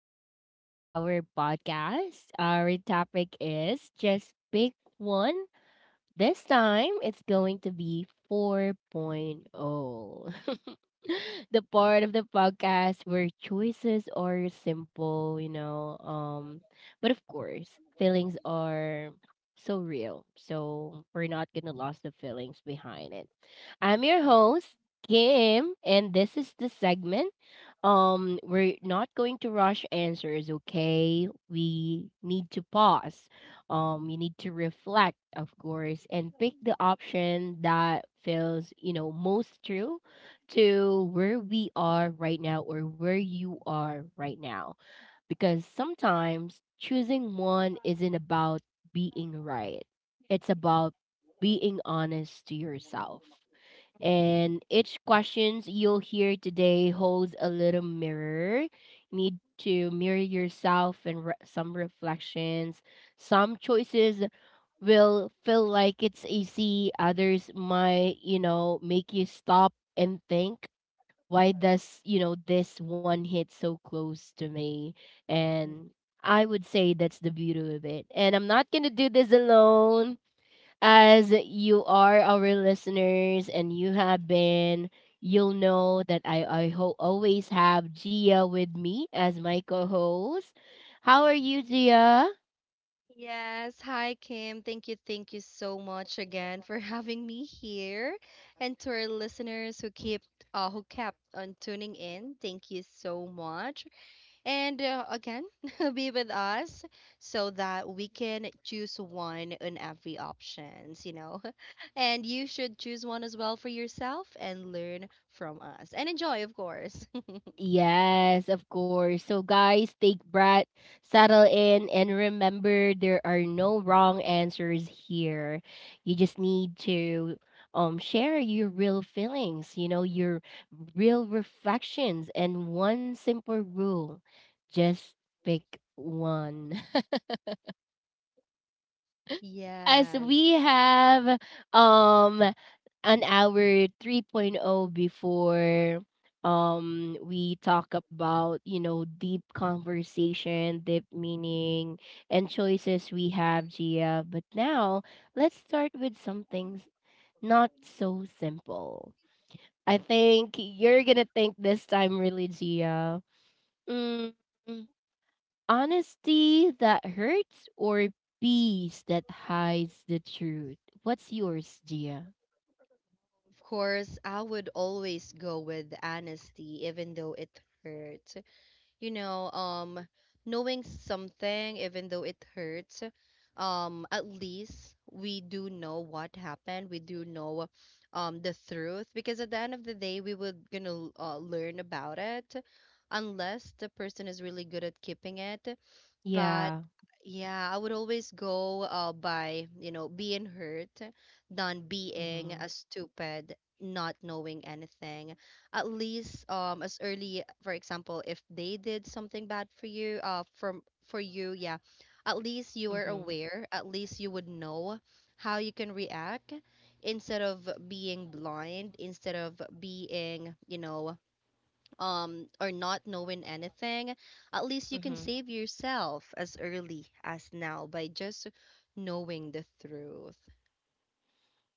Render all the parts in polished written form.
welcome back to our podcast. Our topic is just pick one this time, it's going to be 4.0. The part of the podcast where choices are simple, but of course, feelings are so real. So we're not going to lose the feelings behind it. I'm your host, Kim, and this is the segment. We're not going to rush answers, okay? We need to pause. You need to reflect, of course, and pick the option that feels, you know, most true to where we are right now or where you are right now, because sometimes choosing one isn't about being right, it's about being honest to yourself, and each questions you'll hear today holds a little mirror. You need to mirror yourself and some reflections. Some choices will feel like it's easy. Others might, you know, make you stop and think, why does, you know, this one hit so close to me? And I would say that's the beauty of it. And I'm not going to do this alone. As you are our listeners and you have been, you'll know that I always have Gia with me as my co host. How are you, Gia? Yes, hi Kim. Thank you, so much again for having me here, and to our listeners who keep who kept on tuning in. Thank you so much, and again, be with us so that we can choose one in every options. And you should choose one as well for yourself and learn from us and enjoy, of course. Yes, of course. So, guys, take breath, settle in, and remember there are no wrong answers here. You just need to share your real feelings, you know, your real reflections, and one simple rule: just pick one. As Yes. we have um an hour 3.0 before we talk about, you know, deep conversation, deep meaning, and choices we have, Gia. But now let's start with something not so simple. I think you're gonna think this time, really, Gia. mm, Honesty that hurts, or peace that hides the truth? What's yours, Gia? Of course, I would always go with honesty, even though it hurt. you know, um, Knowing something, even though it hurts, at least we do know what happened. We do know, the truth, because at the end of the day, we would gonna learn about it, unless the person is really good at keeping it. But Yeah. yeah, I would always go by, you know, being hurt than being a Mhm. stupid, not knowing anything. At least, as early, for example, if they did something bad for you from for you, yeah, at least you are Mhm. aware, at least you would know how you can react instead of being blind, instead of being, or not knowing anything. At least you can Mhm. save yourself as early as now by just knowing the truth.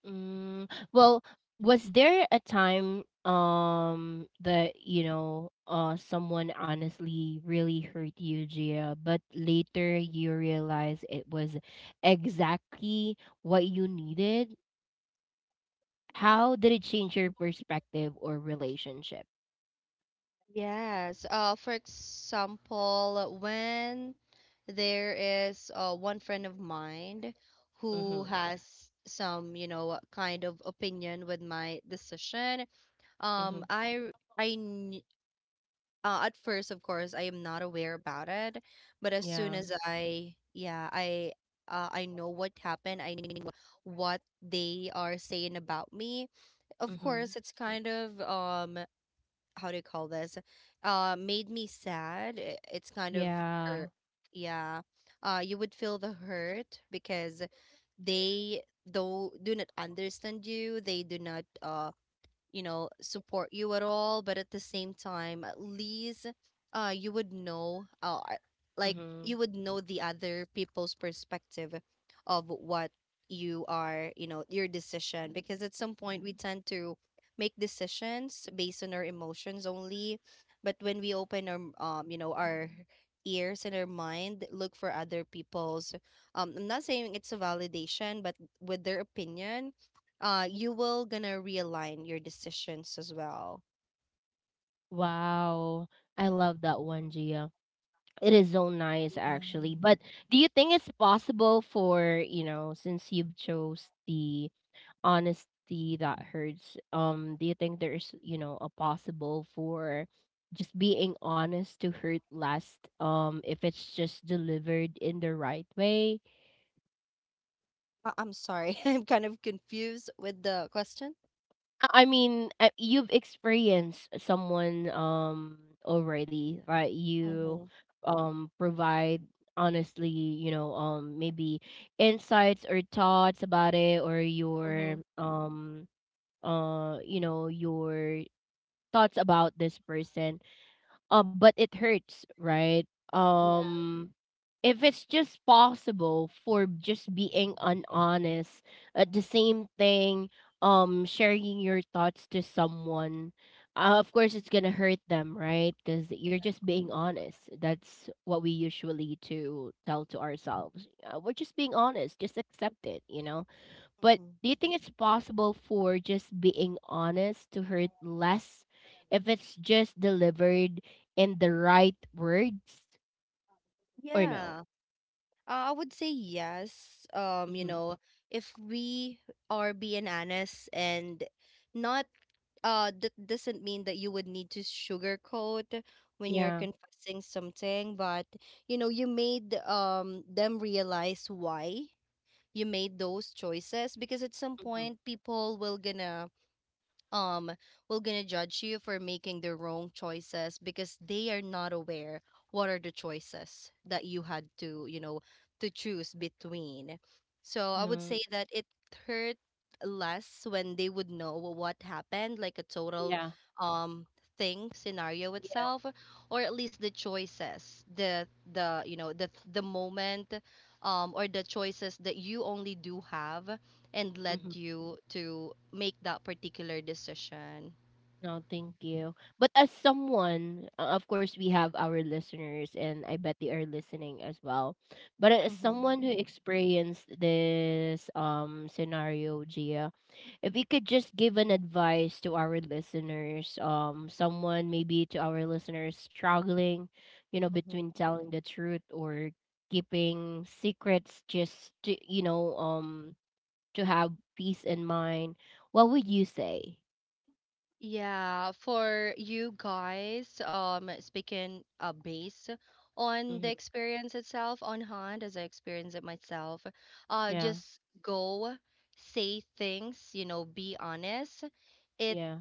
Mm, well, was there a time that, you know, someone honestly really hurt you, Gia, but later you realize it was exactly what you needed? How did it change your perspective or relationship? Yes. For example, when there is one friend of mine who Mhm. has some, you know, kind of opinion with my decision. Um, Mhm. I, I, kn- at first, of course, I am not aware about it, but as soon Yeah. as I know what happened. I know what they are saying about me. Of Mhm. course, it's kind of how do you call this, made me sad. It's kind of hurt, Yeah. yeah. Uh, you would feel the hurt because they do not understand you. They do not, you know, support you at all, but at the same time, at least you would know, like Mhm. you would know the other people's perspective of what you are, you know, your decision, because at some point we tend to make decisions based on our emotions only. But when we open our, our ears and our mind, look for other people's, I'm not saying it's a validation, but with their opinion, you will gonna realign your decisions as well. Wow. I love that one, Gia. It is so nice, Yeah. actually. But do you think it's possible for, you know, since you've chose the honesty that hurts, do you think there's, you know, a possible for just being honest to hurt last, if it's just delivered in the right way? I'm sorry. I'm kind of confused with the question. I mean, you've experienced someone already, right? You Mm-hmm. Provide honestly, you know, um, maybe insights or thoughts about it, or Mm-hmm. your you know, your thoughts about this person, but it hurts, right? Yeah. Um, if it's just possible for just being unhonest, the same thing, sharing your thoughts to someone, of course it's gonna hurt them, right? Because you're Yeah. just being honest. That's what we usually to tell to ourselves. We're just being honest. Just accept it, you know, but Hmm. do you think it's possible for just being honest to hurt less if it's just delivered in the right words or no? Yeah, I would say yes. You Mm-hmm. know, if we are being honest and not, that doesn't mean that you would need to sugarcoat when you're Yeah. confessing something, but you know, you made them realize why you made those choices, because at some Mm-hmm. point people will gonna, um judge you for making the wrong choices because they are not aware what are the choices that you had to, you know, to choose between. So I would Yeah. say that it hurt less when they would know what happened, like a total, Yeah. um thing, scenario Yeah. itself, or at least the choices, the you know, the moment, or the choices that you only do have and led Mm-hmm. you to make that particular decision. No, thank you. But as someone, of course, we have our listeners, and I bet they are listening as well. But as Mm-hmm. someone who experienced this scenario, Gia, if we could just give an advice to our listeners, someone maybe to our listeners struggling, you know, Mm-hmm. between telling the truth or keeping secrets just to, you know, to have peace in mind, what would you say? Yeah, for you guys, speaking based on the Hmm. experience itself on hand, as I experienced it myself, Yeah, just go say things, you know, be honest. It, yeah,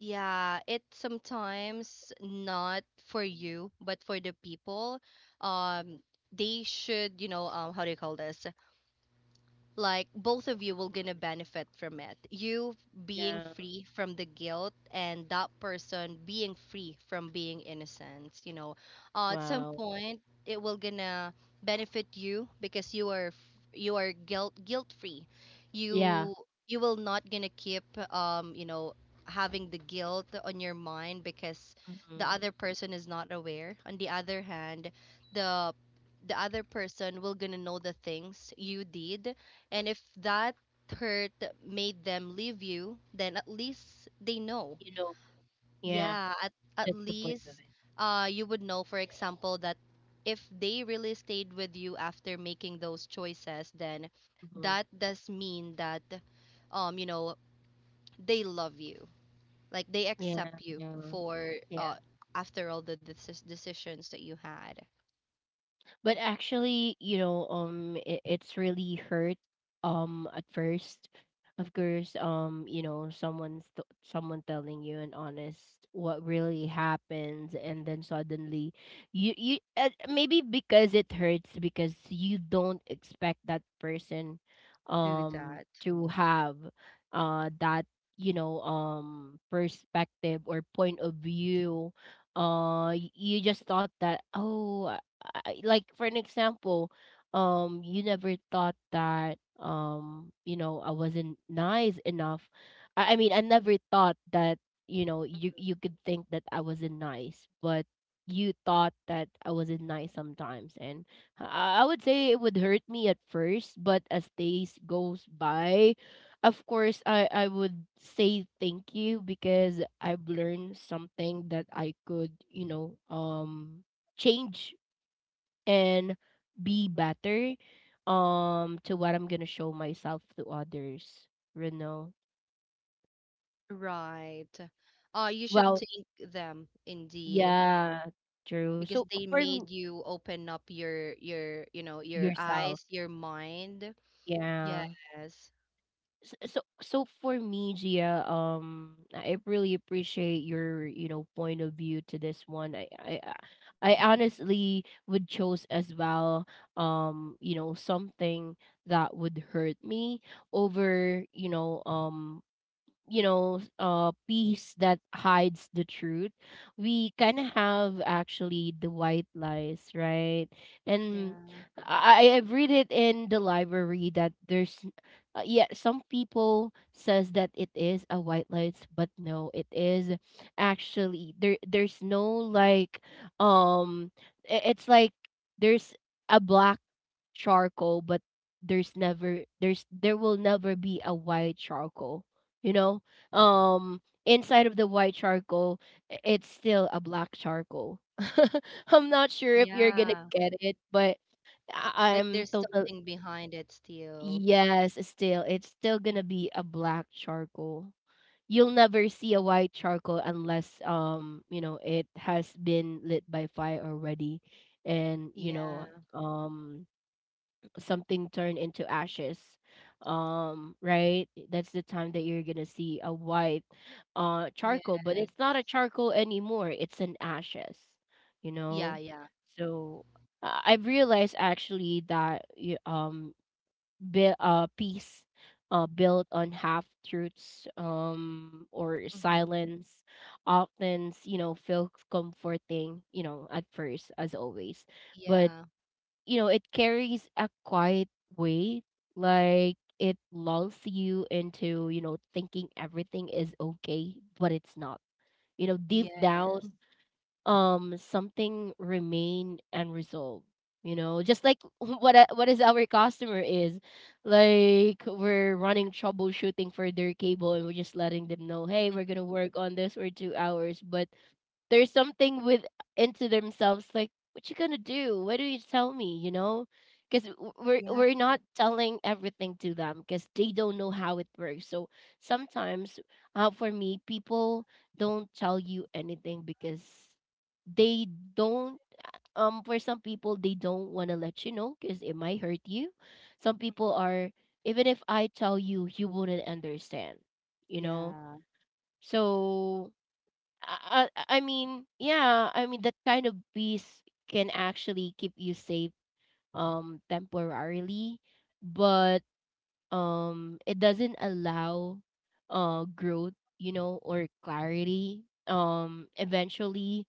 yeah, it sometimes not for you, but for the people, um, they should, you know, how do you call this? Like both of you will gonna benefit from it: you being yeah. free from the guilt, and that person being free from being innocent, you know. Uh, at some Wow. point it will gonna benefit you because you are you are guilt free. Yeah. you you will not gonna keep, um you know having the guilt on your mind, because the Hmm. other person is not aware. On the other hand, the the other person will gonna know the things you did, and if that hurt made them leave you, then at least they know. You know, yeah, Yeah, at that's the point of least, it. You would know, for example, that if they really stayed with you after making those choices, then Hmm. that does mean that, you know, they love you. Like they Yeah, accept you yeah, for, yeah. After all the decisions that you had. But actually, you know, it's really hurt, at first. Of course, you know, someone telling you an honest what really happens, and then suddenly, you maybe because it hurts because you don't expect that person, Do that. to have, that, you know, perspective or point of view. You just thought that, oh, I, like, for an example, you never thought that, you know, I wasn't nice enough. I mean, I never thought that, you know, you could think that I wasn't nice, but you thought that I wasn't nice sometimes, and I would say it would hurt me at first, but as days goes by, of course, I would say thank you because I've learned something that I could, you know, um, change and be better to what I'm gonna show myself to others, you know. Right. You should Well, thank them indeed. yeah, true. Because So they made you open up your, you know, your yourself, eyes, your mind. yeah. Yes. So for me, Gia, I really appreciate your, you know, point of view to this one. I honestly would chose as well, you know, something that would hurt me over, you know, um, you know, uh, piece that hides the truth. We kind of have, actually, the white lies, right? And Yeah. I've read it in the library that there's, yeah, some people says that it is a white lies, but no, it is actually, there's no, like, um, I- it's like there's a black charcoal, but there will never be a white charcoal, you know, um, inside of the white charcoal, I- it's still a black charcoal. I'm not sure if you're gonna Yeah. get it, but Like I- I'm there's total something behind it still. yes, it's still gonna be a black charcoal. You'll never see a white charcoal unless, um, you know, it has been lit by fire already, and, you Yeah. know, um, something turn into ashes, um, right, that's the time that you're gonna see a white, uh, Yes. charcoal, but it's not a charcoal anymore, it's an ashes, you Yeah. know. Yeah. So, I've realized actually that peace built on half truths, um, or Mhm. silence often, you know, feels comforting, you know, at first, as always, but, Yeah. you know, it carries a quiet weight. Like it lulls you into, you know, thinking everything is okay, but it's not. You know, deep Yes. down, something remain unresolved. You know, just like what is our customer is, like we're running troubleshooting for their cable, and we're just letting them know, hey, Mhm. we're gonna work on this for 2 hours, but there's something with into themselves like, "What you gonna do? What do you tell me?" You know, because we're Yeah. we're not telling everything to them because they don't know how it works. So sometimes, for me, people don't tell you anything because they don't, um, for some people, they don't want to let you know because it might hurt you. Some people Mhm. are, even if I tell you, you wouldn't understand, you know. Yeah. So, I mean, yeah, I mean that kind of bees can actually keep you safe, um, temporarily, but um, it doesn't allow uh, growth, you know, or clarity. Um, eventually,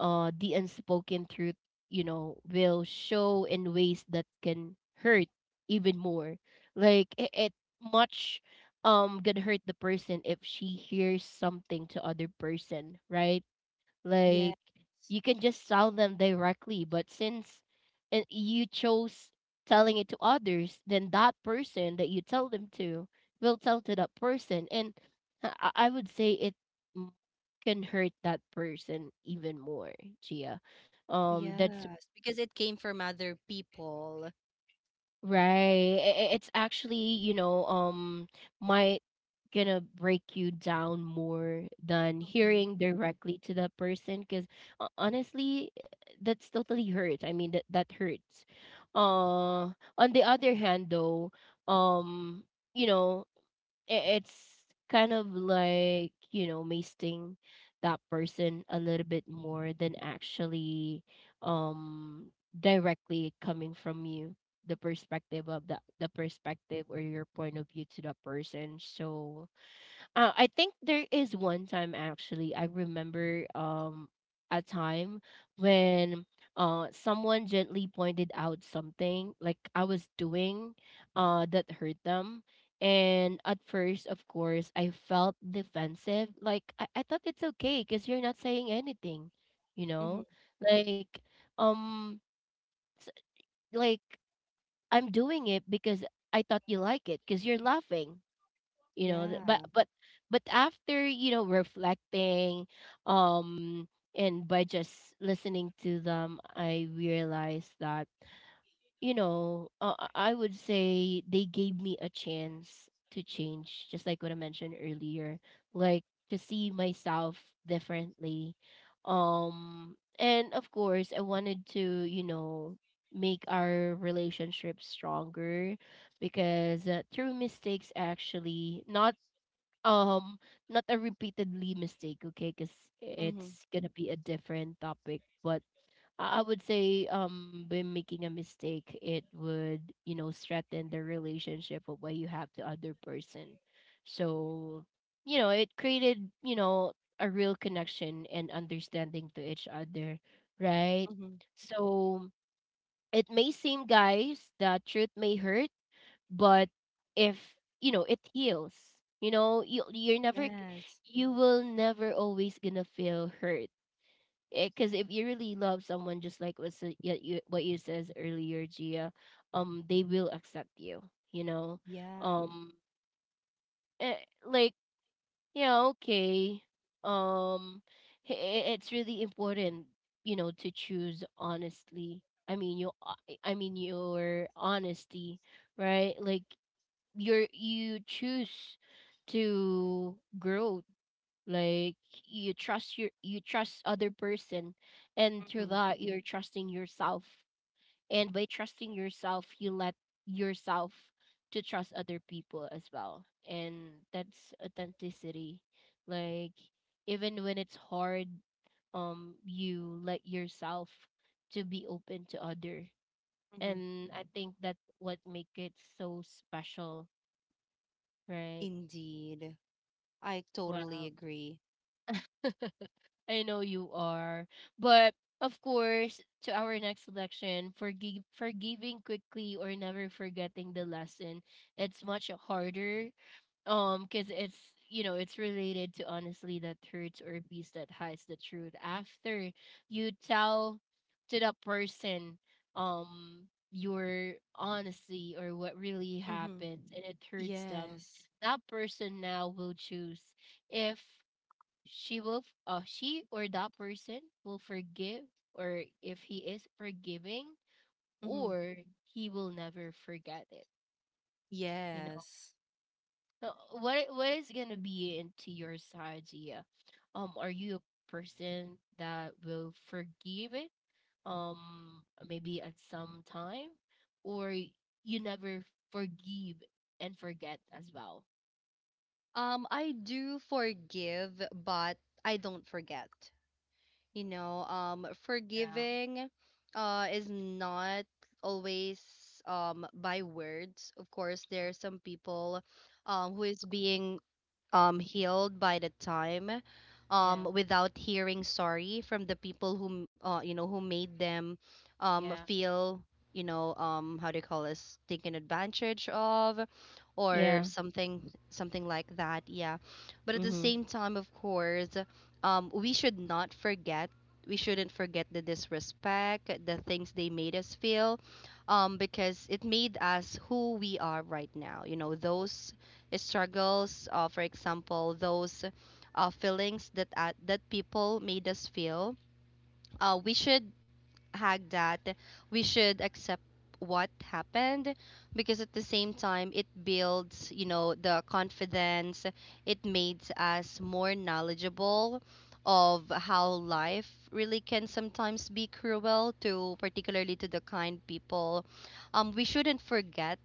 uh, the unspoken truth, you know, will show in ways that can hurt even more. Like it much gonna hurt the person if she hears something to other person, right? Yeah. Like you can just sell them directly, but since, and you chose telling it to others, then that person that you tell them to will tell to that person, and I would say it m- can hurt that person even more, Gia. That's Yes, because it came from other people. right. It's actually, you know, might gonna break you down more than hearing Mhm. directly to that person because honestly, that's totally hurt. I mean, that hurts. Uh, on the other hand, though, um, you know, I- it's kind of like, you know, masting that person a little bit more than actually, um, directly coming from you, the perspective of that, the perspective or your point of view to that person. So, I think there is one time actually, I remember, um, a time when someone gently pointed out something like I was doing that hurt them. And at first, of course, I felt defensive. Like I thought it's okay because you're not saying anything, you know? Mhm. Like um s- like I'm doing it because I thought you like it because you're laughing you know th- but Yeah. but but after, reflecting um and by just listening to them, I realized that, you know, I would say they gave me a chance to change, just like what I mentioned earlier, like to see myself differently. And of course I wanted to, you know, make our relationship stronger because, through mistakes, actually not um not a repeatedly mistake, okay, because Mhm. it's gonna be a different topic. But I would say, by making a mistake it would, you know, strengthen the relationship of what you have to other person. So, you know, it created, you know, a real connection and understanding to each other, right? Mhm. So it may seem, guys, that truth may hurt, but if, you know, it heals, you know, you Yes. you will never always gonna feel hurt. Because if you really love someone, just like what yeah, you, what you says earlier, Gia, they will accept you, you know. Yeah. Um eh, like yeah, okay. um it's really important, you know, to choose honestly. i mean you i I mean your honesty, right? Like you choose to grow. Like you trust other person, and through Mhm. that you're trusting yourself. And by trusting yourself, you let yourself to trust other people as well, and that's authenticity. Like, even when it's hard, you let yourself to be open to other. Mhm. And I think that's what make it so special, right? Indeed. I totally Wow. agree. I know you are. But of course, to our next selection, forgive forgiving quickly or never forgetting the lesson. It's much harder. Because it's, you know, it's related to honestly that hurts or peace that hides the truth. After you tell to the person your honesty or what really Mm-hmm. happened and it hurts them, Yes. that person now will choose if she will she or that person will forgive, or if he is forgiving, Mm-hmm. or he will never forget it, you know. Yes. So what what is going to be into your side, Gia? Are you a person that will forgive it, um maybe at some time, or you never forgive and forget as well? I do forgive, but I don't forget. You know, Yeah. forgiving, is not always by words. Of course, there Mm, are some people, who is being healed by the time, yeah, without hearing sorry from the people who, you know, who made them yeah, feel, you know, um, how do you call this, taken advantage of or yeah. something, something like that, yeah. But at the Mhm. same time, of course, we should not forget. We shouldn't forget the disrespect, the things they made us feel, because it made us who we are right now. You know, those struggles, for example, those feelings that, that people made us feel. We should hag that, we should accept what happened, because at the same time it builds, you know, the confidence. It makes us more knowledgeable of how life really can sometimes be cruel to, particularly to the kind people. Um, we shouldn't forget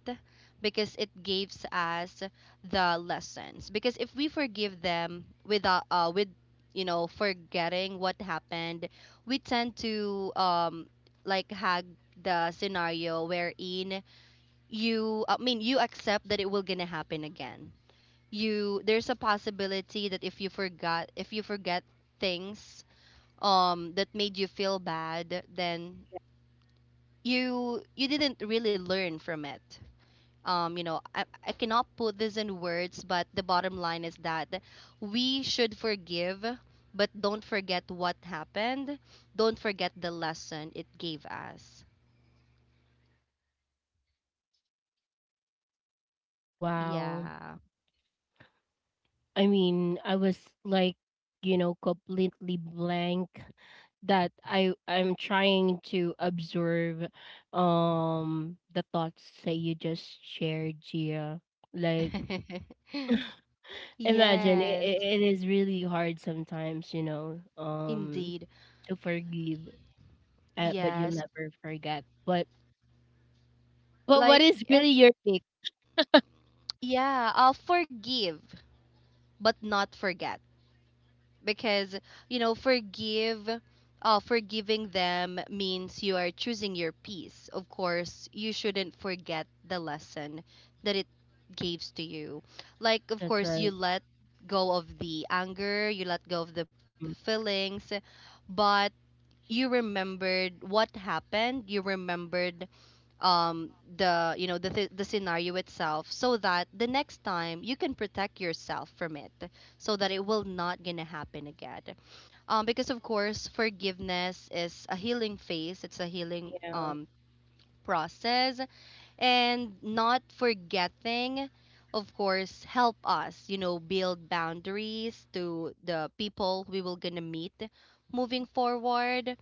because it gives us the lessons, because if we forgive them without, with you know, forgetting what happened, we tend to, hag the scenario wherein you, I mean you accept that it will gonna happen again. You, there's a possibility that if you forget things, that made you feel bad, then you didn't really learn from it. Um, you know, I cannot put this in words, but the bottom line is that we should forgive, but don't forget what happened. Don't forget the lesson it gave us. Wow. Yeah. I mean, I was like, you know, completely blank, that I'm trying to observe the thoughts that you just shared, Gia. Like, imagine it, Yes, it is really hard sometimes, you know, indeed. to forgive, but you'll Yes. never forget. But what Like is it, really your take? yeah, I'll forgive, but not forget. Because you know forgive, forgiving them means you are choosing your peace. Of course, you shouldn't forget the lesson that it gives to you. Like, of That's course, you right. let go of the anger, you let go of the Mm. feelings, but you remembered what happened. You remembered, um the, you know, the scenario itself, so that the next time you can protect yourself from it, so that it will not gonna happen again. Um, because of course forgiveness is a healing phase. It's a healing, Yeah, process. And not forgetting, of course, help us, you know, build boundaries to the people we will gonna meet moving forward.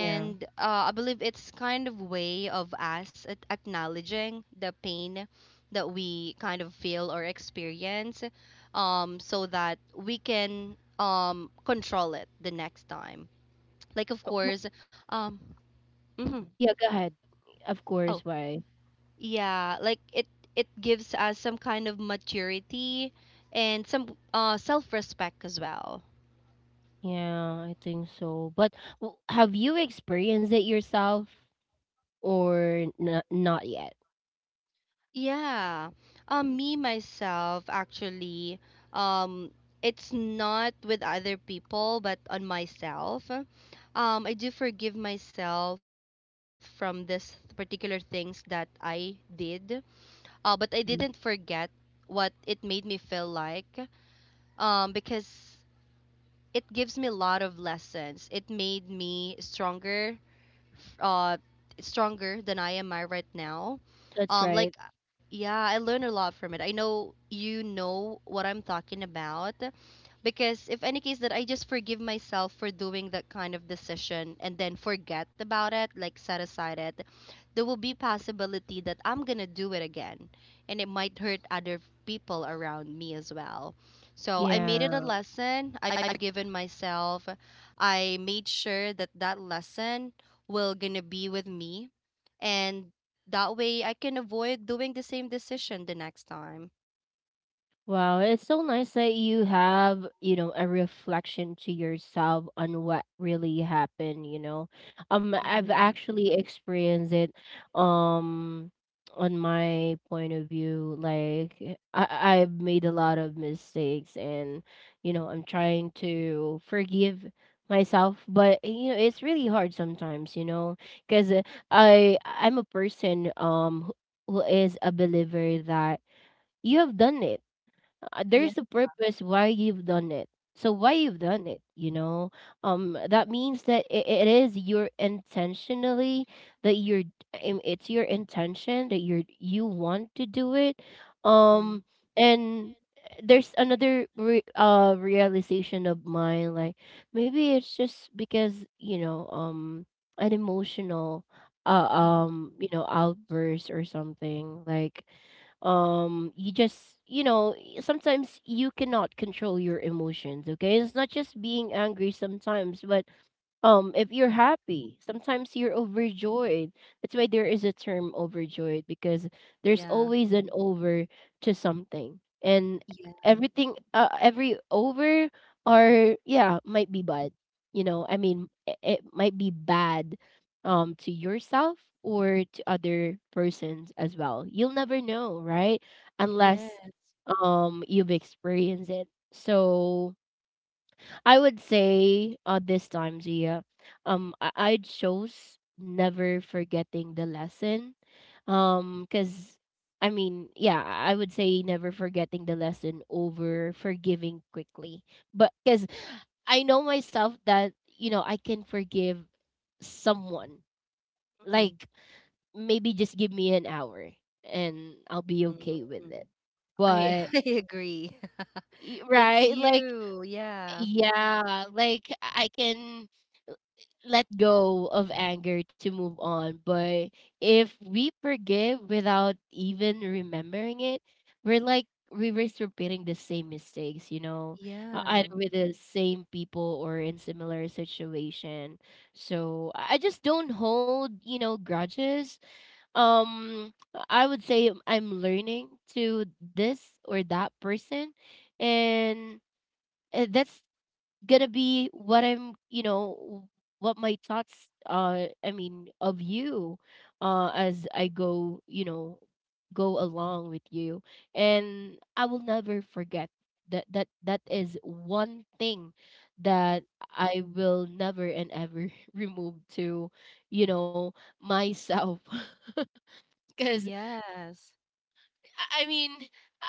yeah. I believe it's kind of way of us acknowledging the pain that we kind of feel or experience, so that we can, control it the next time. Like, of Uh, w- course, um, mhm. Yeah, go ahead. Of course, why? Yeah, like it, gives us some kind of maturity and some self-respect as well. Yeah, I think so. But have you experienced it yourself or not yet? Yeah. Um, me myself actually, um it's not with other people but on myself. Um, I do forgive myself from this particular things that I did. Uh, but I didn't Hmm. forget what it made me feel like. Um, because it gives me a lot of lessons. It made me stronger, f- uh stronger than I am I right now. That's Um, right. like, yeah, I learned a lot from it. I know you know what I'm talking about, because if any case that I just forgive myself for doing that kind of decision and then forget about it, like set aside it, there will be possibility that I'm going to do it again, and it might hurt other people around me as well. So I made it a Yeah. lesson. I've given myself. I made sure that that lesson will gonna be with me, and that way I can avoid doing the same decision the next time. Wow, it's so nice that you have, you know, a reflection to yourself on what really happened, you know. I've Mm-hmm. actually experienced it um on my point of view. Like I, I've made a lot of mistakes, and, you know, I'm trying to forgive myself, but you know, it's really hard sometimes, you know, because I'm a person, who is a believer that you have done it, there's a purpose why you've done it, so why you've done it, you know. That means that it is your intentionally that you're, it's your intention that you're, you want to do it. Mm-hmm. Um and eh, there's another realization of mine, like, maybe it's just because, you know, an emotional you know, outburst or something. Like, you just, you know, sometimes you cannot control your emotions, okay? It's not just being angry sometimes, but, if you're happy sometimes you're overjoyed. That's why there is a term overjoyed, because there's Yeah. always an over to something. And Yeah. everything, every over are, yeah, might be bad. You know, I mean, it might be bad to yourself or to other persons as well. You'll never know, right? Yeah. Unless, you've experienced it. So I would say, this time, Gia, I chose never forgetting the lesson. Because I mean, yeah, I would say never forgetting the lesson over forgiving quickly. But because I know myself that, you know, I can forgive someone. Mm-hmm. Like, maybe just give me an hour and I'll be okay with Mm. it. I But I agree. That's right, like, you, yeah. yeah, like I can let go of anger to move on. But if we forgive without even remembering it, we're like, we risk repeating the same mistakes, you know, Yeah. either with the same people or in similar situation. So I just don't hold, you know, grudges. Um, I would say I'm learning to this or that person, and that's gonna be what I'm, you know, what my thoughts I mean of you, as I go, you know, go along with you. And I will never forget that that is one thing Mhm. that I will never and ever remove to, you know, myself. Cause Yes. I mean, uh,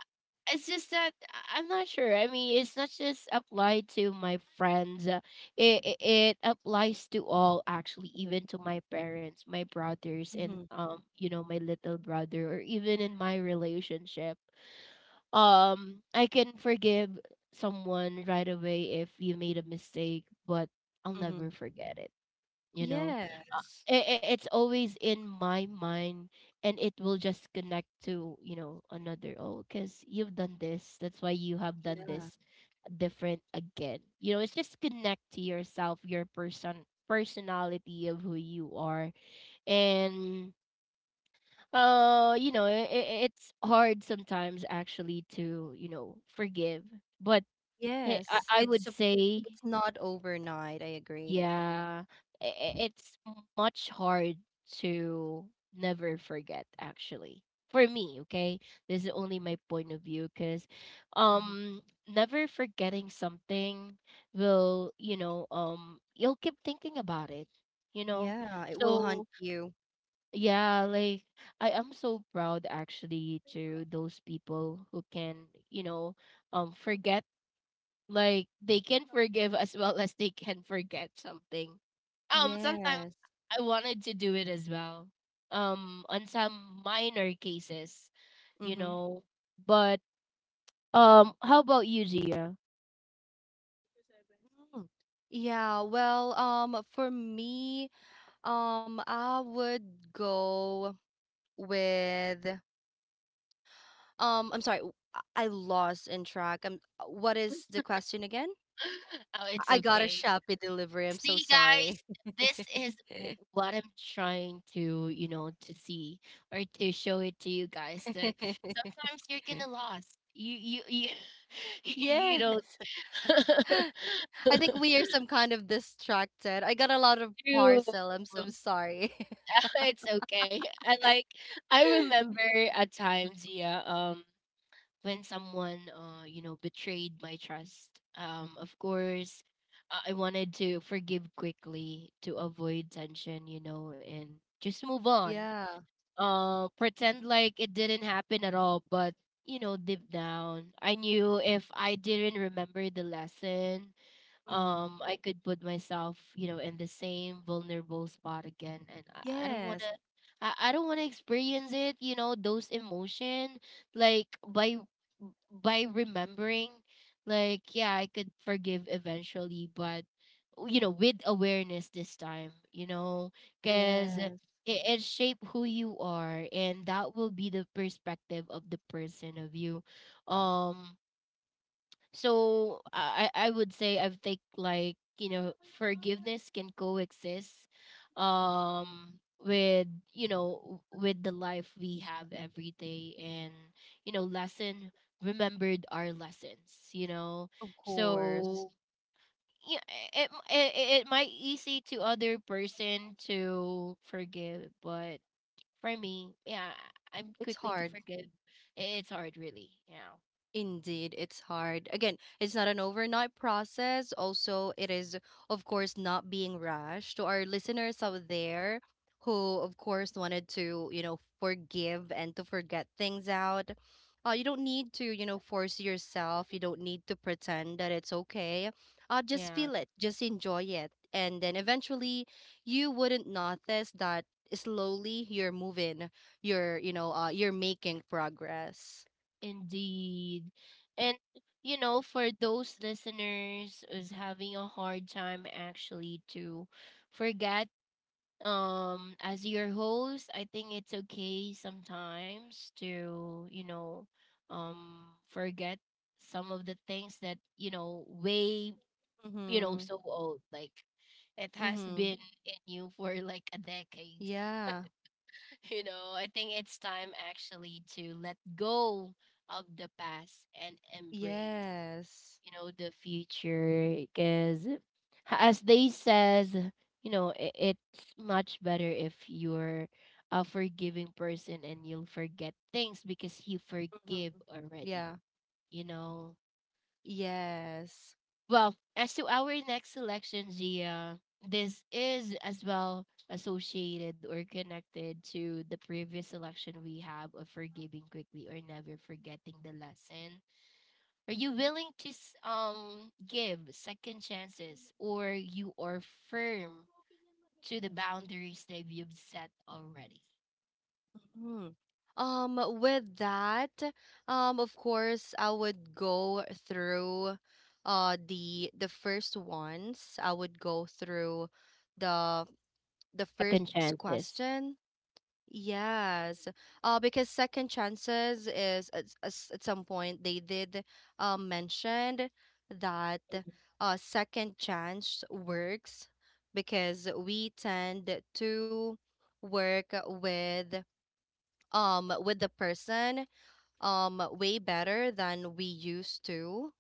it's just that I'm not sure. I mean, it's not just applied to my friends. It it applies to all actually, even to my parents, my brothers, and, Mm-hmm. You know, my little brother, or even in my relationship. I can forgive someone right away if you made a mistake, but I'll Mm-hmm. never forget it, you know. uh, Yes. I- it's always in my mind, and it will just connect to, you know, another. Oh, because you've done this, that's why you have done Yeah. this different again, you know. It's just connect to yourself, your personality of who you are. And, you know, I it's hard sometimes actually to, you know, forgive, but Yes, I it's would a, say, it's not overnight, I agree. yeah, it's much hard to never forget actually. For me, okay? This is only my point of view, cuz, Hmm. um never forgetting something will, you know, you'll keep thinking about it, you know. Yeah, it will So, hunt you. yeah, like, I am so proud actually to those people who can, you know, forget. Like, they can forgive as well as they can forget something. Sometimes Yes. I wanted to do it as well. On some minor cases, you Mm-hmm. know. But, how about you, Gia? Mm. Yeah, well, for me, I would go with, I'm sorry, I lost in track. What is the question again? Oh, it's I got a okay. Shopee delivery. I'm so See, guys, sorry. this is what I'm trying to, you know, to see or to show it to you guys that sometimes you're gonna lost. You you don't. Yes. I think we are some kind of distracted. I got a lot of True. parcel. I'm so sorry. It's okay. And like, I remember a time, Zia, when someone, you know, betrayed my trust. Of course, I wanted to forgive quickly to avoid tension, you know, and just move on. Yeah. Pretend like it didn't happen at all, but, you know, deep down, I knew if I didn't remember the lesson, Mhm. I could put myself, you know, in the same vulnerable spot again, and I don't want Yes. to, I don't want to experience it, you know, those emotion. Like, by remembering, like, yeah, I could forgive eventually, but, you know, with awareness this time, you know, cuz it, Yes. it shape who you are, and that will be the perspective of the person of you. Um so I I I would say, I think, like, you know, forgiveness can coexist with, you know, with the life we have every day, and, you know, lesson, remembered our lessons, you know. Of course. So, yeah, it it might easy to other person to forgive, but for me, yeah, I'm It's quickly to hard. forgive. It's hard, really, yeah. Indeed, it's hard. Again, it's not an overnight process. Also, it is, of course, not being rushed. To our listeners out there who, of course, wanted to, you know, forgive and to forget things out, you don't need to, you know, force yourself. You don't need to pretend that it's okay. Just Yeah. feel it, just enjoy it. And then eventually, you wouldn't notice that slowly you're moving, you're, you know, you're making progress. Indeed. And, you know, for those listeners who's having a hard time actually to forget, as your host, I think it's okay sometimes to, you know, forget some of the things that, you know, way, you know, Mm-hmm. so old. Like, it has Mm-hmm. been in you for like a decade. Yeah. You know, I think it's time actually to let go of the past and embrace, Yes. you know, the future. Because as they says, you know, I it's much better if you're a forgiving person and you'll forget things because you Mm-hmm. forgive already. Yeah. You know. Yes. Well, as to our next selection, Gia, this is as well associated or connected to the previous selection we have of forgiving quickly or never forgetting the lesson. Are you willing to give second chances, or you are firm to the boundaries that you've set already? Hmm. With that, of course, I would go through the first ones. I would go through the the Second first chances. question. Yes. Because second chances is at, at some point they did mentioned that, second chance works because we tend to work with, with the person, way better than we used to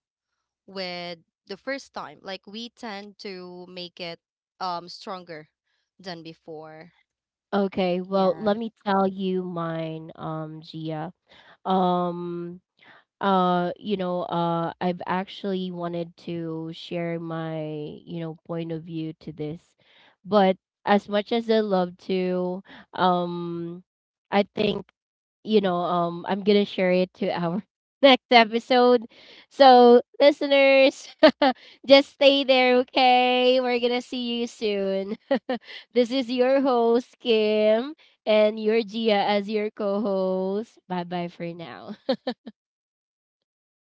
with the first time. Like we tend to make it, stronger than before. Okay, well, let Yes. me tell you mine, Gia. Um, you know, I've actually wanted to share my, you know, point of view to this. But, as much as I love to, um, I think, you know, I'm gonna share it to our next episode. So, listeners, just stay there, okay? We're gonna see you soon. This is your host, Kim, and your Gia as your co-host. Bye-bye for now.